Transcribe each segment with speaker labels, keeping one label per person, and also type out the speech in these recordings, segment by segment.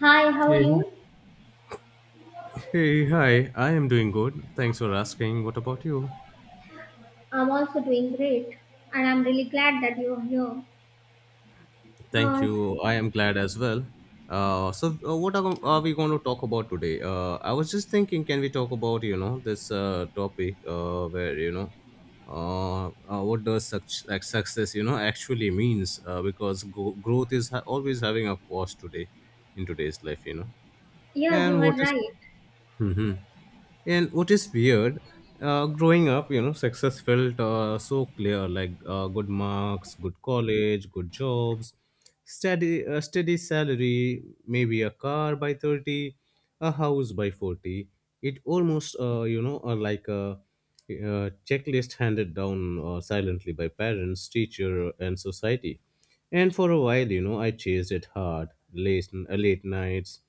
Speaker 1: Hi, how are
Speaker 2: Hey,
Speaker 1: you?
Speaker 2: hey, hi. I am doing good. Thanks for asking. What about you?
Speaker 1: I'm also doing great, and I'm really glad that you're here.
Speaker 2: Thank
Speaker 1: Uh,
Speaker 2: you. I am glad as well. What are we going to talk about today? I was just thinking, can we talk about this topic where what does such like success actually means? Because growth is always having a cost today in today's life.
Speaker 1: yeah, you
Speaker 2: And what
Speaker 1: are
Speaker 2: is
Speaker 1: right.
Speaker 2: hmm And what is weird, growing up, success felt so clear, like good marks, good college, good jobs, steady salary, maybe a car by 30, a house by 40. It almost, like a checklist handed down silently by parents, teacher, and society. And for a while, I chased it hard, late nights,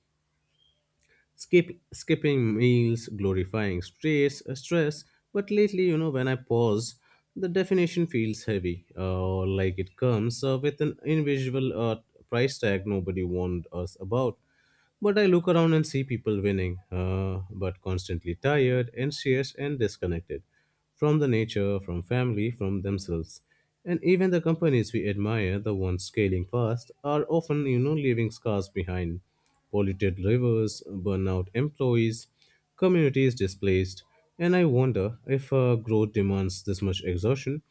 Speaker 2: skipping meals glorifying stress, but lately, when I pause, the definition feels heavy, or like it comes with an invisible price tag nobody warned us about. But I look around and see people winning, but constantly tired, anxious, and disconnected from the nature, from family, from themselves. And even the companies we admire, the ones scaling fast, are often, leaving scars behind. Polluted rivers, burnout employees, communities displaced. And I wonder if growth demands this much exhaustion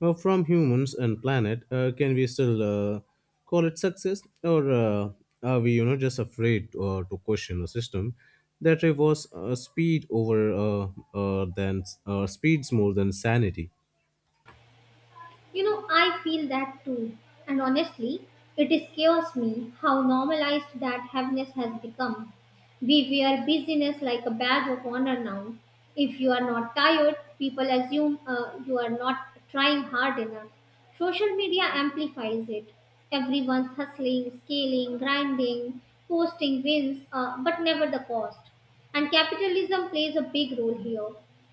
Speaker 2: from humans and planet, can we still call it success, or are we, just afraid to question a system that rewards speed over than speeds more than sanity?
Speaker 1: You know, I feel that too. And honestly, it scares me how normalized that heaviness has become. We wear busyness like a badge of honor now. If you are not tired, people assume you are not trying hard enough. Social media amplifies it. Everyone's hustling, scaling, grinding, posting wins, but never the cost. And capitalism plays a big role here.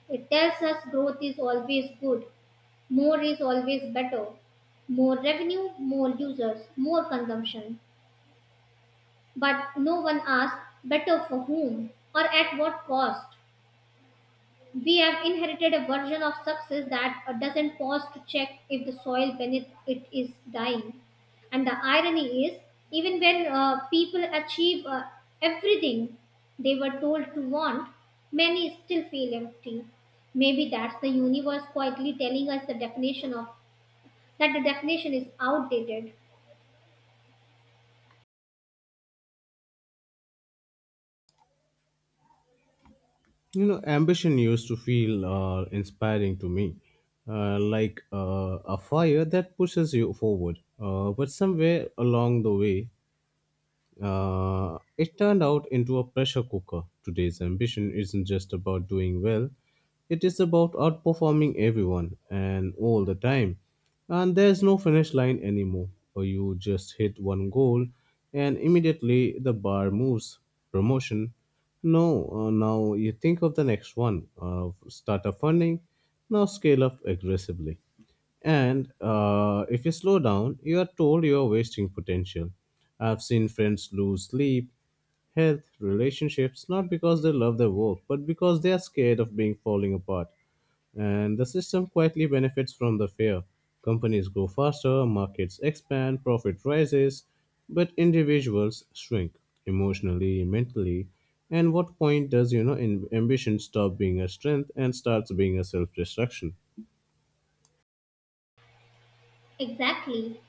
Speaker 1: It tells us growth is always good, more is always better. More revenue, more users, more consumption. But no one asks better for whom or at what cost. We have inherited a version of success that doesn't pause to check if the soil beneath it is dying. And the irony is, even when people achieve everything they were told to want, many still feel empty. Maybe that's the universe quietly telling us the definition of that the definition is outdated.
Speaker 2: Ambition used to feel inspiring to me, like a fire that pushes you forward, but somewhere along the way it turned out into a pressure cooker. Today's ambition isn't just about doing well, it is about outperforming everyone and all the time. And there's no finish line anymore. Or you just hit one goal and immediately the bar moves. Promotion. No, now you think of the next one. Start up funding. Now scale up aggressively. And if you slow down, you are told you are wasting potential. I've seen friends lose sleep, health, relationships, not because they love their work, but because they are scared of being falling apart. And the system quietly benefits from the fear. Companies grow faster, markets expand, profit rises, but individuals shrink emotionally, mentally. And what point does, ambition stop being a strength and starts being a self-destruction?
Speaker 1: Exactly.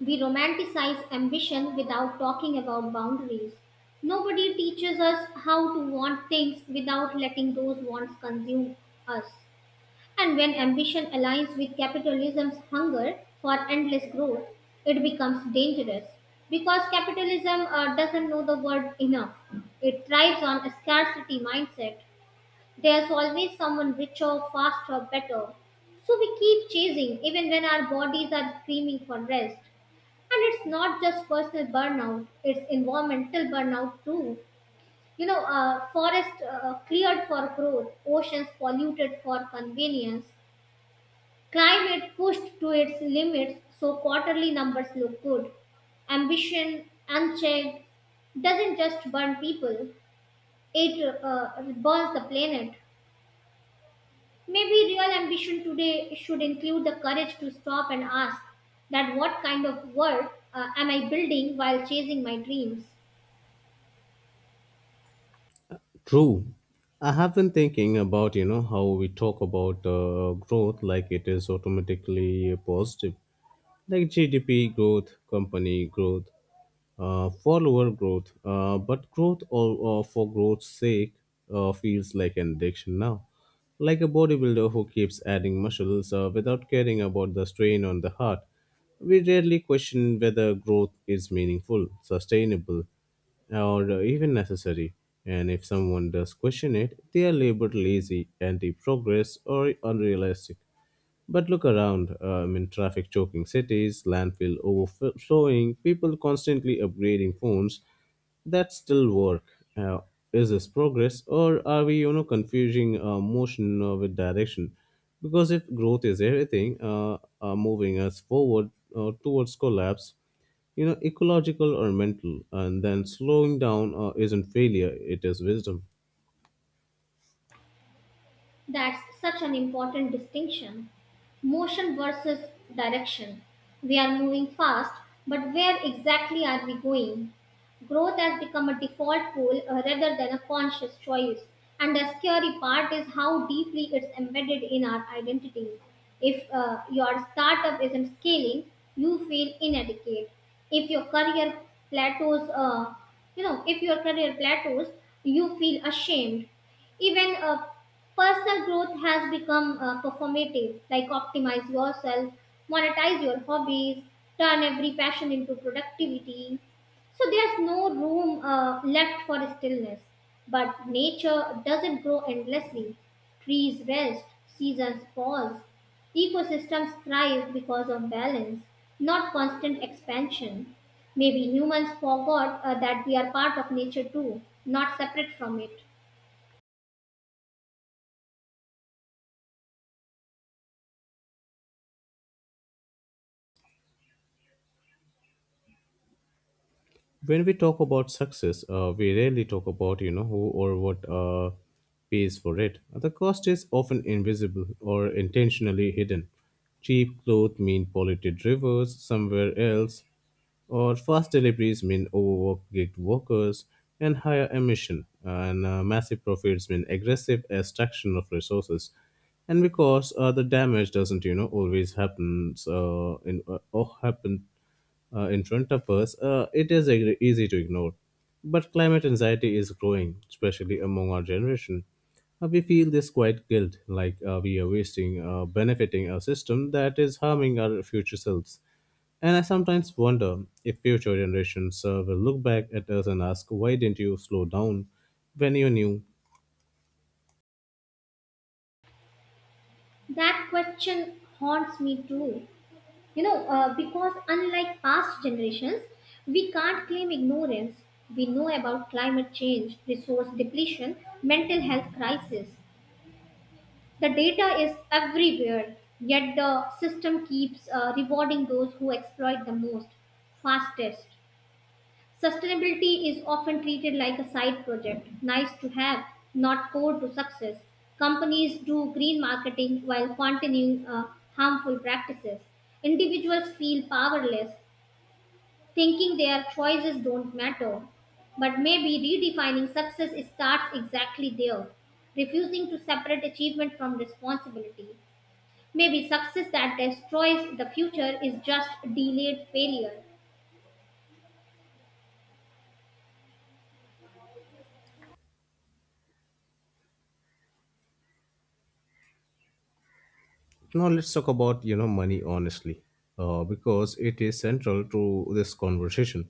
Speaker 1: We romanticize ambition without talking about boundaries. Nobody teaches us how to want things without letting those wants consume us. And when ambition aligns with capitalism's hunger for endless growth, it becomes dangerous because capitalism doesn't know the word enough. It thrives on a scarcity mindset. There's always someone richer, faster, better. So we keep chasing even when our bodies are screaming for rest. And it's not just personal burnout, it's environmental burnout too. Forests cleared for growth, oceans polluted for convenience, climate pushed to its limits so quarterly numbers look good. Ambition unchecked doesn't just burn people, it burns the planet. Maybe real ambition today should include the courage to stop and ask that what kind of world am I building while chasing my dreams?
Speaker 2: True. I have been thinking about, how we talk about growth like it is automatically positive, like GDP growth, company growth, follower growth. But for growth's sake feels like an addiction now. Like a bodybuilder who keeps adding muscles without caring about the strain on the heart. We rarely question whether growth is meaningful, sustainable, or even necessary. And if someone does question it, they are labeled lazy, anti progress, or unrealistic. But look around. I mean, traffic choking cities, landfill overflowing, people constantly upgrading phones that still work. Uh, is this progress, or are we, confusing motion with direction? Because if growth is everything, moving us forward towards collapse, ecological or mental, and then slowing down isn't failure; it is wisdom.
Speaker 1: That's such an important distinction. Motion versus direction. We are moving fast, but where exactly are we going? Growth has become a default goal rather than a conscious choice. And the scary part is how deeply it's embedded in our identity. If your startup isn't scaling, you feel inadequate. If your career plateaus, you know, if your career plateaus, you feel ashamed. Even personal growth has become performative, like optimize yourself, monetize your hobbies, turn every passion into productivity. So there's no room left for stillness. But nature doesn't grow endlessly. Trees rest, seasons pause, ecosystems thrive because of balance, not constant expansion. Maybe humans forgot that we are part of nature too, not separate from it.
Speaker 2: When we talk about success, we rarely talk about, who or what pays for it. The cost is often invisible or intentionally hidden. Cheap clothes mean polluted rivers somewhere else, or fast deliveries mean overworked gig workers and higher emission, and massive profits mean aggressive extraction of resources. And because the damage doesn't, always happen in front of us, it is easy to ignore. But climate anxiety is growing, especially among our generation. We feel this quiet guilt, like we are benefiting a system that is harming our future selves. And I sometimes wonder if future generations will look back at us and ask, why didn't you slow down when you knew?
Speaker 1: That question haunts me too. Because unlike past generations, we can't claim ignorance. We know about climate change, resource depletion, mental health crisis. The data is everywhere, yet the system keeps rewarding those who exploit the most, fastest. Sustainability is often treated like a side project, nice to have, not core to success. Companies do green marketing while continuing harmful practices. Individuals feel powerless, thinking their choices don't matter. But maybe redefining success starts exactly there, refusing to separate achievement from responsibility. Maybe success that destroys the future is just delayed failure.
Speaker 2: Now let's talk about, money honestly, because it is central to this conversation.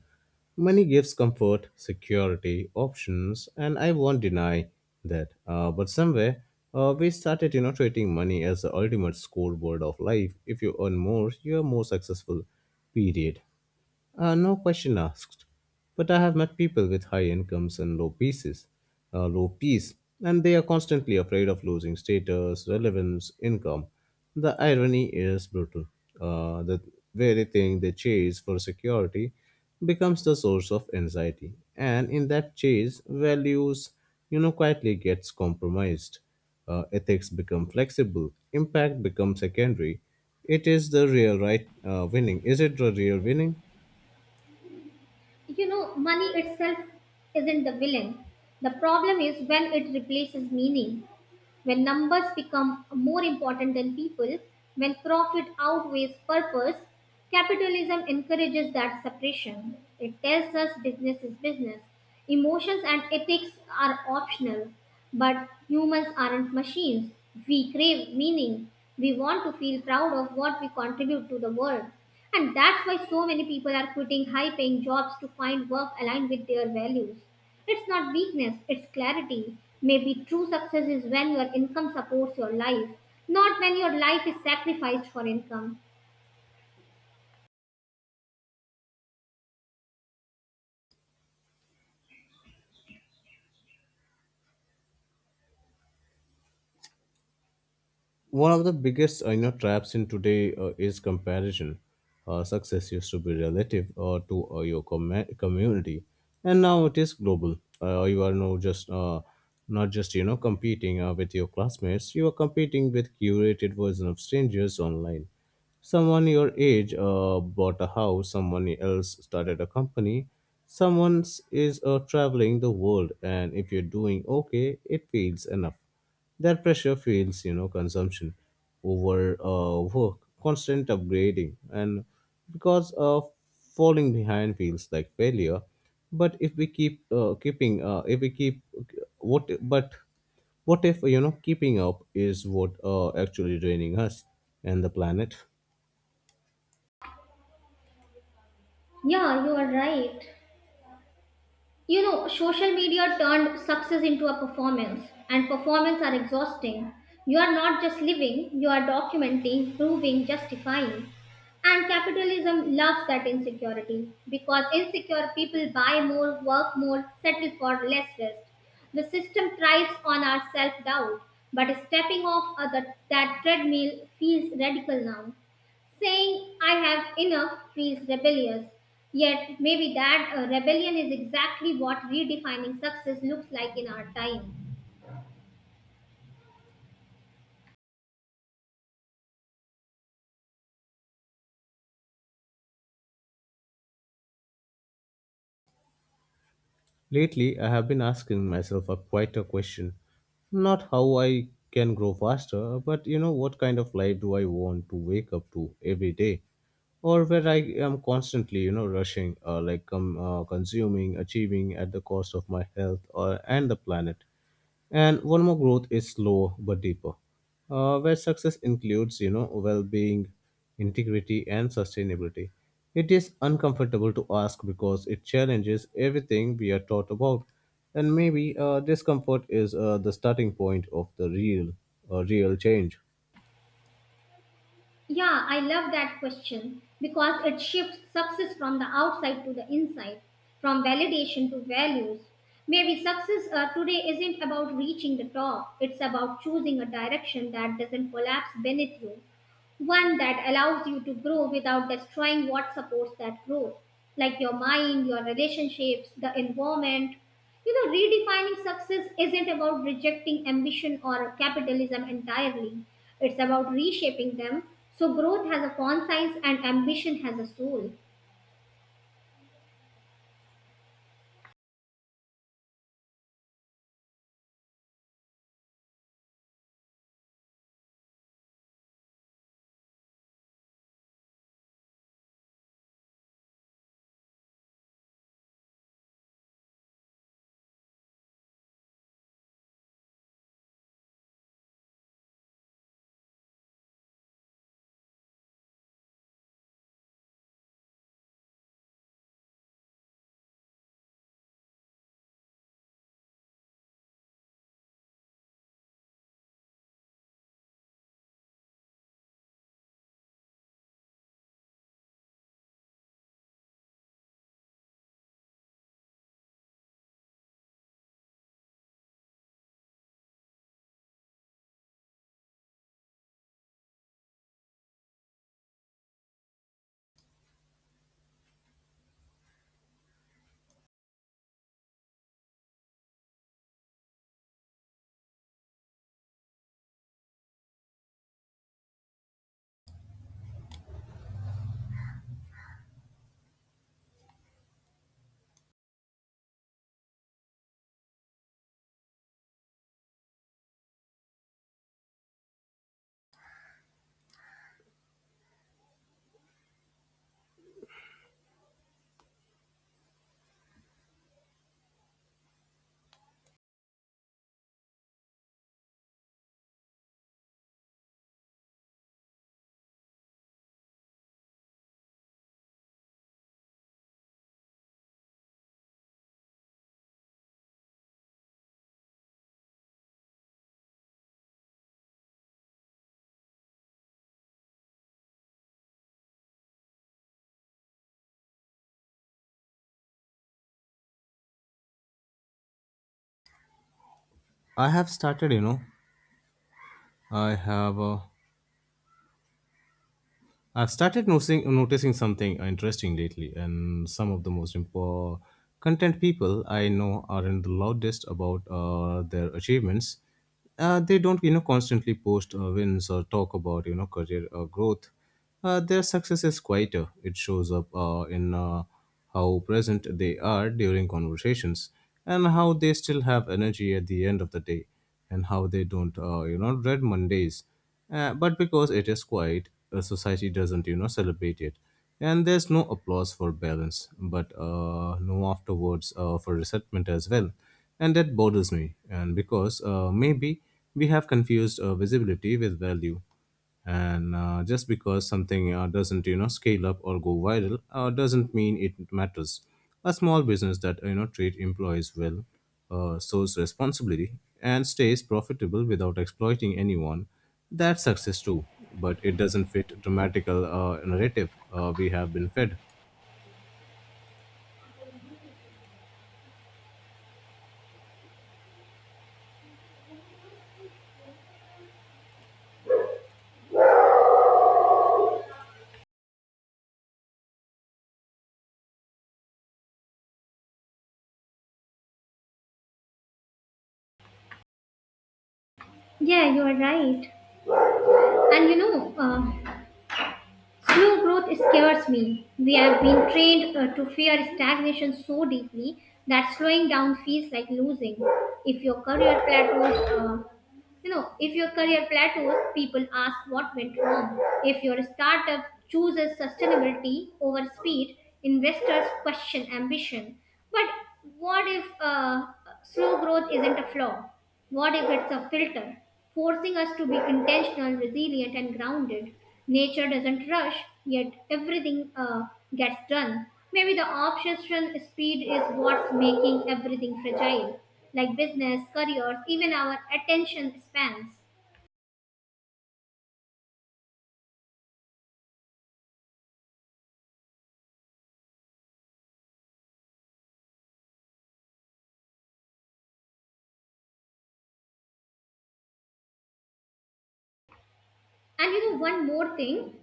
Speaker 2: Money gives comfort, security, options, and I won't deny that. But somewhere we started, treating money as the ultimate scoreboard of life. If you earn more, you are more successful. Period. No question asked. But I have met people with high incomes and low peace, and they are constantly afraid of losing status, relevance, income. The irony is brutal. The very thing they chase for security becomes the source of anxiety, and in that chase, values, quietly gets compromised. Ethics become flexible, impact becomes secondary. It is the real right winning. Is it the real winning?
Speaker 1: You know, money itself isn't the villain. The problem is when it replaces meaning. When numbers become more important than people, when profit outweighs purpose, capitalism encourages that separation. It tells us business is business. Emotions and ethics are optional, but humans aren't machines. We crave meaning. We want to feel proud of what we contribute to the world. And that's why so many people are quitting high paying jobs to find work aligned with their values. It's not weakness, it's clarity. Maybe true success is when your income supports your life, not when your life is sacrificed for income.
Speaker 2: One of the biggest, traps in today is comparison. Success used to be relative to your community, and now it is global. You are now just Not just, competing with your classmates, you are competing with curated version of strangers online. Someone your age bought a house, someone else started a company, someone is traveling the world, and if you're doing okay it feels enough. That pressure feels, consumption over work, constant upgrading, and because falling behind feels like failure. But if we keep keeping, if we keep what, but what if, keeping up is what actually draining us and the planet?
Speaker 1: Yeah, you are right. You know, social media turned success into a performance, and performance are exhausting. You are not just living, you are documenting, proving, justifying. And capitalism loves that insecurity because insecure people buy more, work more, settle for less rest. The system thrives on our self doubt, but stepping off of that treadmill feels radical now, saying I have enough feels rebellious. Yet maybe that rebellion is exactly what redefining success looks like in our time.
Speaker 2: Lately, I have been asking myself a quieter question. Not how I can grow faster, but, what kind of life do I want to wake up to every day? Or where I am constantly, rushing, consuming, achieving at the cost of my health or, and the planet. And one more growth is slow but deeper, where success includes, well-being, integrity, and sustainability. It is uncomfortable to ask because it challenges everything we are taught about, and maybe discomfort is the starting point of the real change.
Speaker 1: Yeah, I love that question because it shifts success from the outside to the inside, from validation to values. Maybe success today isn't about reaching the top, it's about choosing a direction that doesn't collapse beneath you, one that allows you to grow without destroying what supports that growth, like your mind, your relationships, the environment. You know, redefining success isn't about rejecting ambition or capitalism entirely, it's about reshaping them so growth has a conscience and ambition has a soul.
Speaker 2: I have started, you know, I have. I've started noticing something interesting lately, and some of the most important content people I know aren't the loudest about their achievements. They don't, constantly post wins or talk about, career growth. Their success is quieter. It shows up in how present they are during conversations, and how they still have energy at the end of the day, and how they don't, dread Mondays, but because it is quiet, society doesn't, celebrate it. And there's no applause for balance, but no afterwards for resentment as well. And that bothers me, and because maybe we have confused visibility with value, and just because something doesn't, scale up or go viral doesn't mean it matters. A small business that, treat employees well, shows responsibility and stays profitable without exploiting anyone, that's success too, but it doesn't fit dramatical narrative we have been fed.
Speaker 1: Yeah, you are right. And you know, slow growth scares me. We have been trained to fear stagnation so deeply that slowing down feels like losing. If your career plateaus, you know, if your career plateaus, people ask what went wrong. If your startup chooses sustainability over speed, investors question ambition. But what if slow growth isn't a flaw? What if it's a filter, forcing us to be intentional, resilient, and grounded. Nature doesn't rush, yet everything gets done. Maybe the obsession speed is what's making everything fragile, like business, careers, even our attention spans. And you know, one more thing.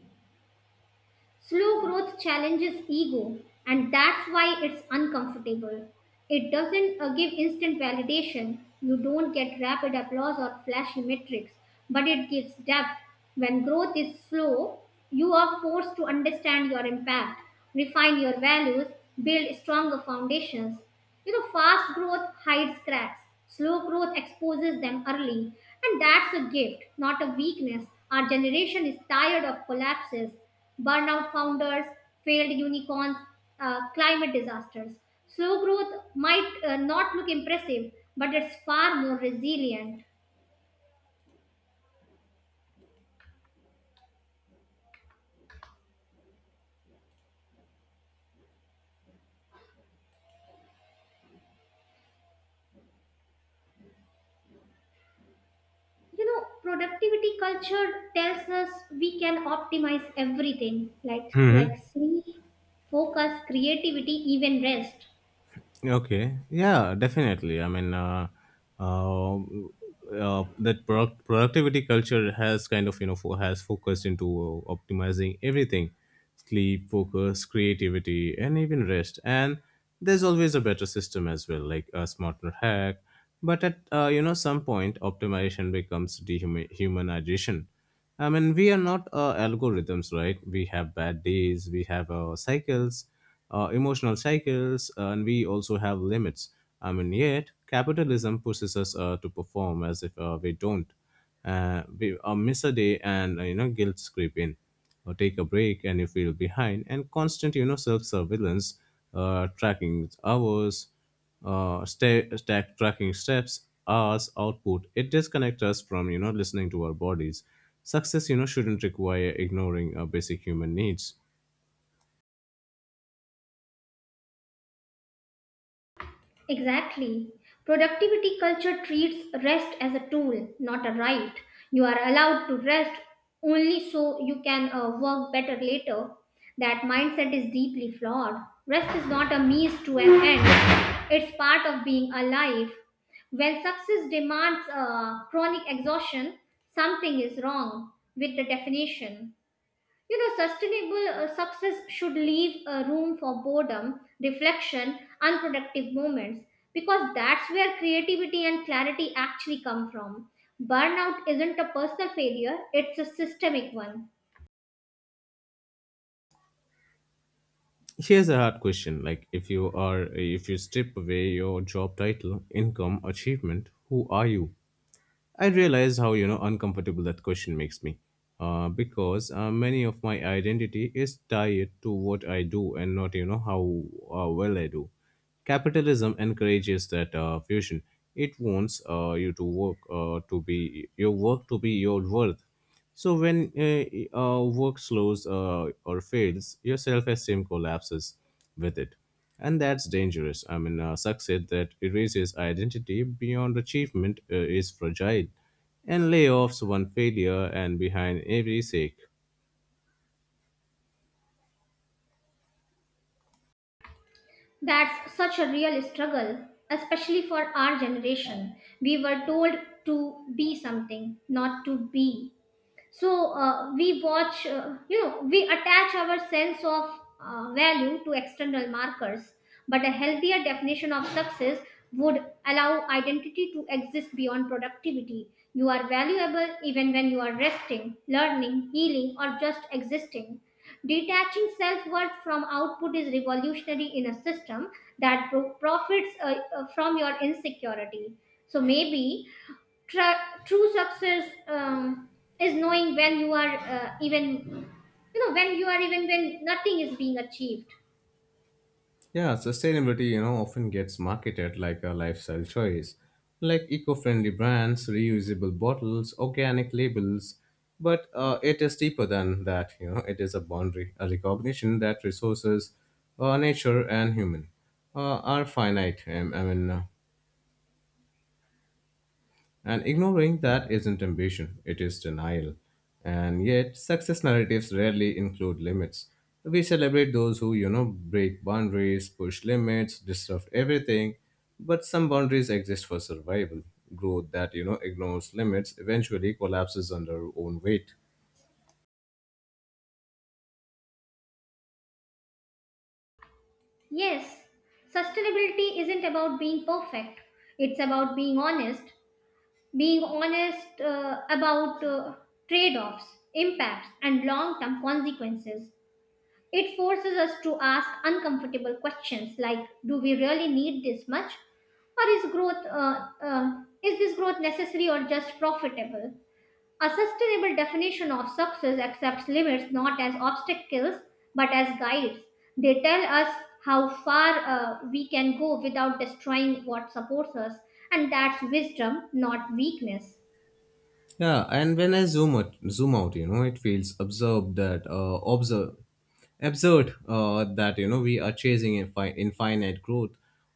Speaker 1: Slow growth challenges ego, and that's why it's uncomfortable. It doesn't give instant validation. You don't get rapid applause or flashy metrics, but it gives depth. When growth is slow, you are forced to understand your impact, refine your values, build stronger foundations. You know, fast growth hides cracks, slow growth exposes them early, and that's a gift, not a weakness. Our generation is tired of collapses, burnout founders, failed unicorns, climate disasters. Slow growth might not look impressive, but it's far more resilient. You know, productivity culture tells us we can optimize everything, like
Speaker 2: Hmm.
Speaker 1: like sleep, focus, creativity, even rest.
Speaker 2: Okay. Yeah, definitely. I mean, productivity culture has kind of, has focused into optimizing everything: sleep, focus, creativity, and even rest. And there's always a better system as well, like a smarter hack. But at, some point, optimization becomes dehumanization. I mean, we are not algorithms, right? We have bad days, we have cycles, emotional cycles, and we also have limits. I mean, yet capitalism pushes us to perform as if we don't. We Miss a day, and, guilt creep in, or take a break, and you feel behind, and constant, self surveillance, tracking hours, stack tracking steps hours output, it disconnects us from, listening to our bodies. Success, shouldn't require ignoring our basic human needs.
Speaker 1: Exactly. Productivity culture treats rest as a tool, not a right. You are allowed to rest only so you can work better later. That mindset is deeply flawed. Rest is not a means to an end, it's part of being alive. When success demands chronic exhaustion, something is wrong with the definition. You know, sustainable success should leave room for boredom, reflection, unproductive moments because that's where creativity and clarity actually come from. Burnout isn't a personal failure, it's a systemic one.
Speaker 2: Here's a hard question: like if you strip away your job title, income, achievement, who are you? I realize how, uncomfortable that question makes me, because many of my identity is tied to what I do and not, how well I do. Capitalism encourages that fusion. It wants you to work to be your work to be your worth, so when work slows or fails, your self-esteem collapses with it, and that's dangerous. Success that erases identity beyond achievement is fragile, and layoffs one failure and behind every shake.
Speaker 1: That's such a real struggle, especially for our generation. We were told to be something, not to be. So we watch you know we attach our sense of value to external markers, but a healthier definition of success would allow identity to exist beyond productivity. You are valuable even when you are resting, learning, healing, or just existing. Detaching self-worth from output is revolutionary in a system that profits from your insecurity. So maybe true success is knowing when you are, even when nothing is being achieved.
Speaker 2: Yeah, sustainability, you know, often gets marketed like a lifestyle choice, like eco-friendly brands, reusable bottles, organic labels, but it is deeper than that, you know, it is a boundary, a recognition that resources, nature and human, are finite. And ignoring that isn't ambition, it is denial. And yet, success narratives rarely include limits. We celebrate those who, you know, break boundaries, push limits, disrupt everything, but some boundaries exist for survival. Growth that, you know, ignores limits eventually collapses under own weight.
Speaker 1: Yes, sustainability isn't about being perfect, it's about being honest, being honest about trade-offs, impacts and long-term consequences. It forces us to ask uncomfortable questions like, do we really need this much, or is this growth necessary or just profitable? A sustainable definition of success accepts limits not as obstacles but as guides. They tell us how far we can go without destroying what supports us, and that's wisdom, not weakness.
Speaker 2: Yeah, and when I zoom out, you know, it feels observe absurd that you know we are chasing infinite growth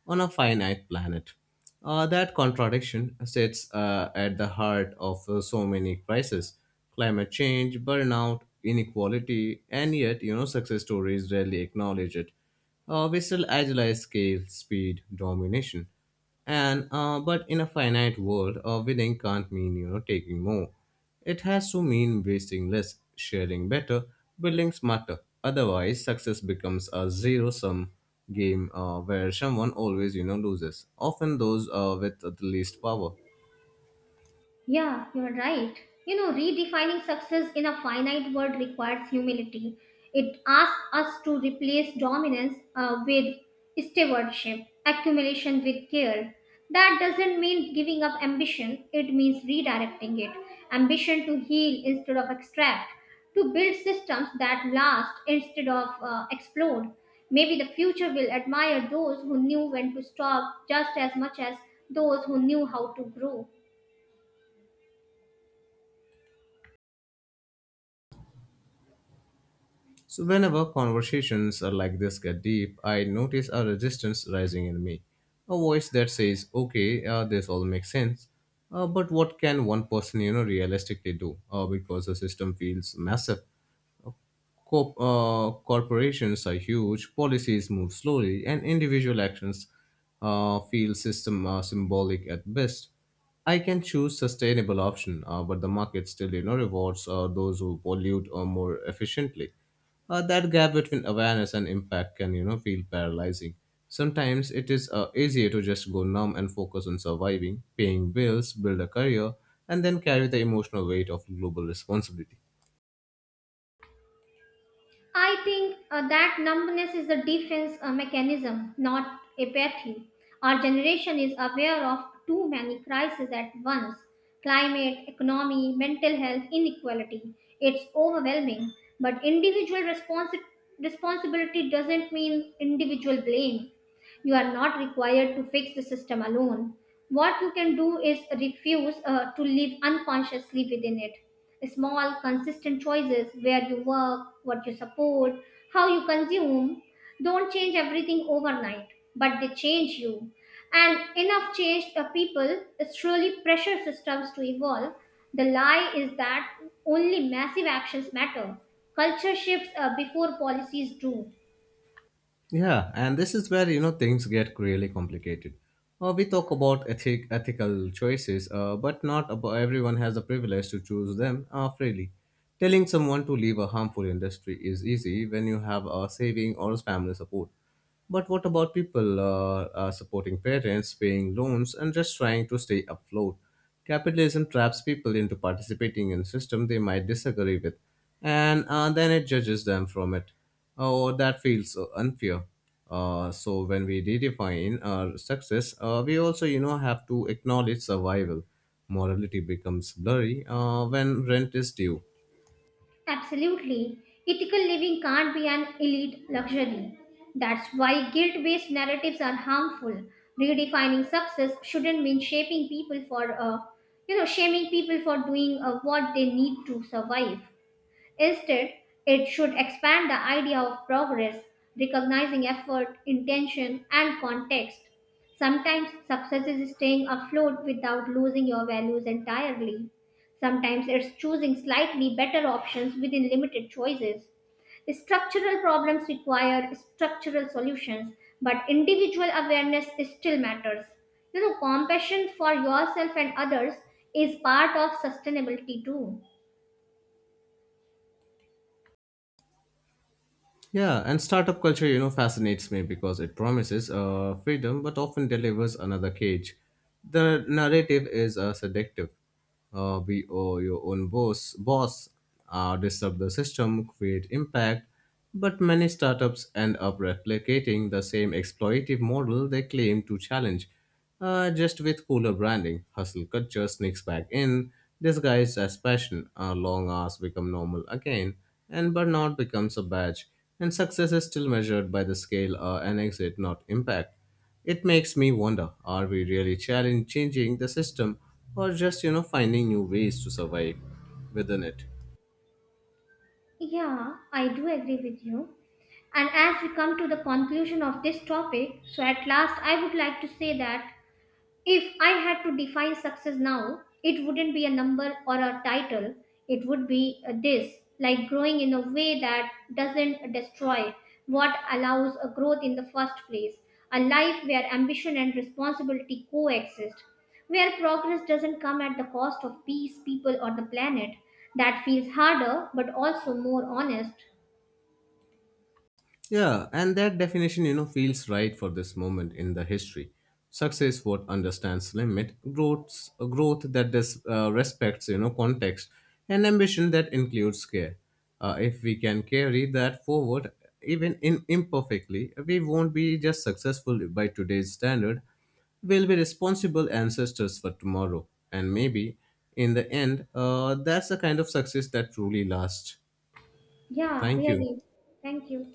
Speaker 2: on a finite planet. That contradiction sits at the heart of so many crises: climate change, burnout, inequality, and yet you know success stories rarely acknowledge it. We still agilize scale, speed, domination. And but in a finite world, winning can't mean you know taking more. It has to mean wasting less, sharing better, building smarter. Otherwise, success becomes a zero-sum game where someone always you know loses, often those with the least power.
Speaker 1: Yeah, you're right. You know, redefining success in a finite world requires humility. It asks us to replace dominance with stewardship, accumulation with care. That doesn't mean giving up ambition, it means redirecting it. Ambition to heal instead of extract, to build systems that last instead of explode. Maybe the future will admire those who knew when to stop just as much as those who knew how to grow.
Speaker 2: So, whenever conversations are like this get deep, I notice a resistance rising in me. A voice that says, okay, this all makes sense. But what can one person, you know, realistically do? Because the system feels massive. Corporations are huge, policies move slowly, and individual actions feel system symbolic at best. I can choose sustainable option, but the market still you know rewards those who pollute or more efficiently. That gap between awareness and impact can you know feel paralyzing. Sometimes it is easier to just go numb and focus on surviving, paying bills, build a career, and then carry the emotional weight of global responsibility.
Speaker 1: I think that numbness is a defense mechanism, not apathy. Our generation is aware of too many crises at once: climate, economy, mental health, inequality. It's overwhelming. But responsibility doesn't mean individual blame. You are not required to fix the system alone. What you can do is refuse to live unconsciously within it. Small, consistent choices, where you work, what you support, how you consume, don't change everything overnight, but they change you. And enough change the people is truly pressure systems to evolve. The lie is that only massive actions matter. Culture shifts before policies do.
Speaker 2: Yeah, and this is where you know things get really complicated. We talk about ethical choices, but not about everyone has the privilege to choose them freely. Telling someone to leave a harmful industry is easy when you have a saving or family support. But what about people supporting parents, paying loans, and just trying to stay afloat? Capitalism traps people into participating in a system they might disagree with, and then it judges them from it. Oh, that feels unfair. So when we redefine our success, we also, you know, have to acknowledge survival. Morality becomes blurry when rent is due.
Speaker 1: Absolutely. Ethical living can't be an elite luxury. That's why guilt based narratives are harmful. Redefining success shouldn't mean shaping people for, you know, shaming people for doing what they need to survive. Instead, it should expand the idea of progress, recognizing effort, intention, and context. Sometimes success is staying afloat without losing your values entirely. Sometimes it's choosing slightly better options within limited choices. Structural problems require structural solutions, but individual awareness still matters. You know, compassion for yourself and others is part of sustainability too.
Speaker 2: Yeah, and startup culture, you know, fascinates me because it promises freedom but often delivers another cage. The narrative is seductive. Be oh, your own boss, disrupt the system, create impact. But many startups end up replicating the same exploitative model they claim to challenge. Just with cooler branding, hustle culture sneaks back in, disguised as passion. Our long hours become normal again, and burnout becomes a badge. And success is still measured by the scale and exit, not impact. It makes me wonder: are we really challenge changing the system, or just you know finding new ways to survive within it?
Speaker 1: Yeah, I do agree with you. And as we come to the conclusion of this topic, so at last I would like to say that if I had to define success now, it wouldn't be a number or a title. It would be this, like, growing in a way that doesn't destroy what allows a growth in the first place. A life where ambition and responsibility coexist, where progress doesn't come at the cost of peace, people, or the planet. That feels harder but also more honest.
Speaker 2: Yeah, and that definition, you know, feels right for this moment in the history. Success what understands limit, growth that does, respects, you know, context, and ambition that includes care. If we can carry that forward, even in imperfectly, we won't be just successful by today's standard. We'll be responsible ancestors for tomorrow, and maybe in the end, that's the kind of success that truly lasts.
Speaker 1: Yeah,
Speaker 2: Thank you.
Speaker 1: really. Thank you.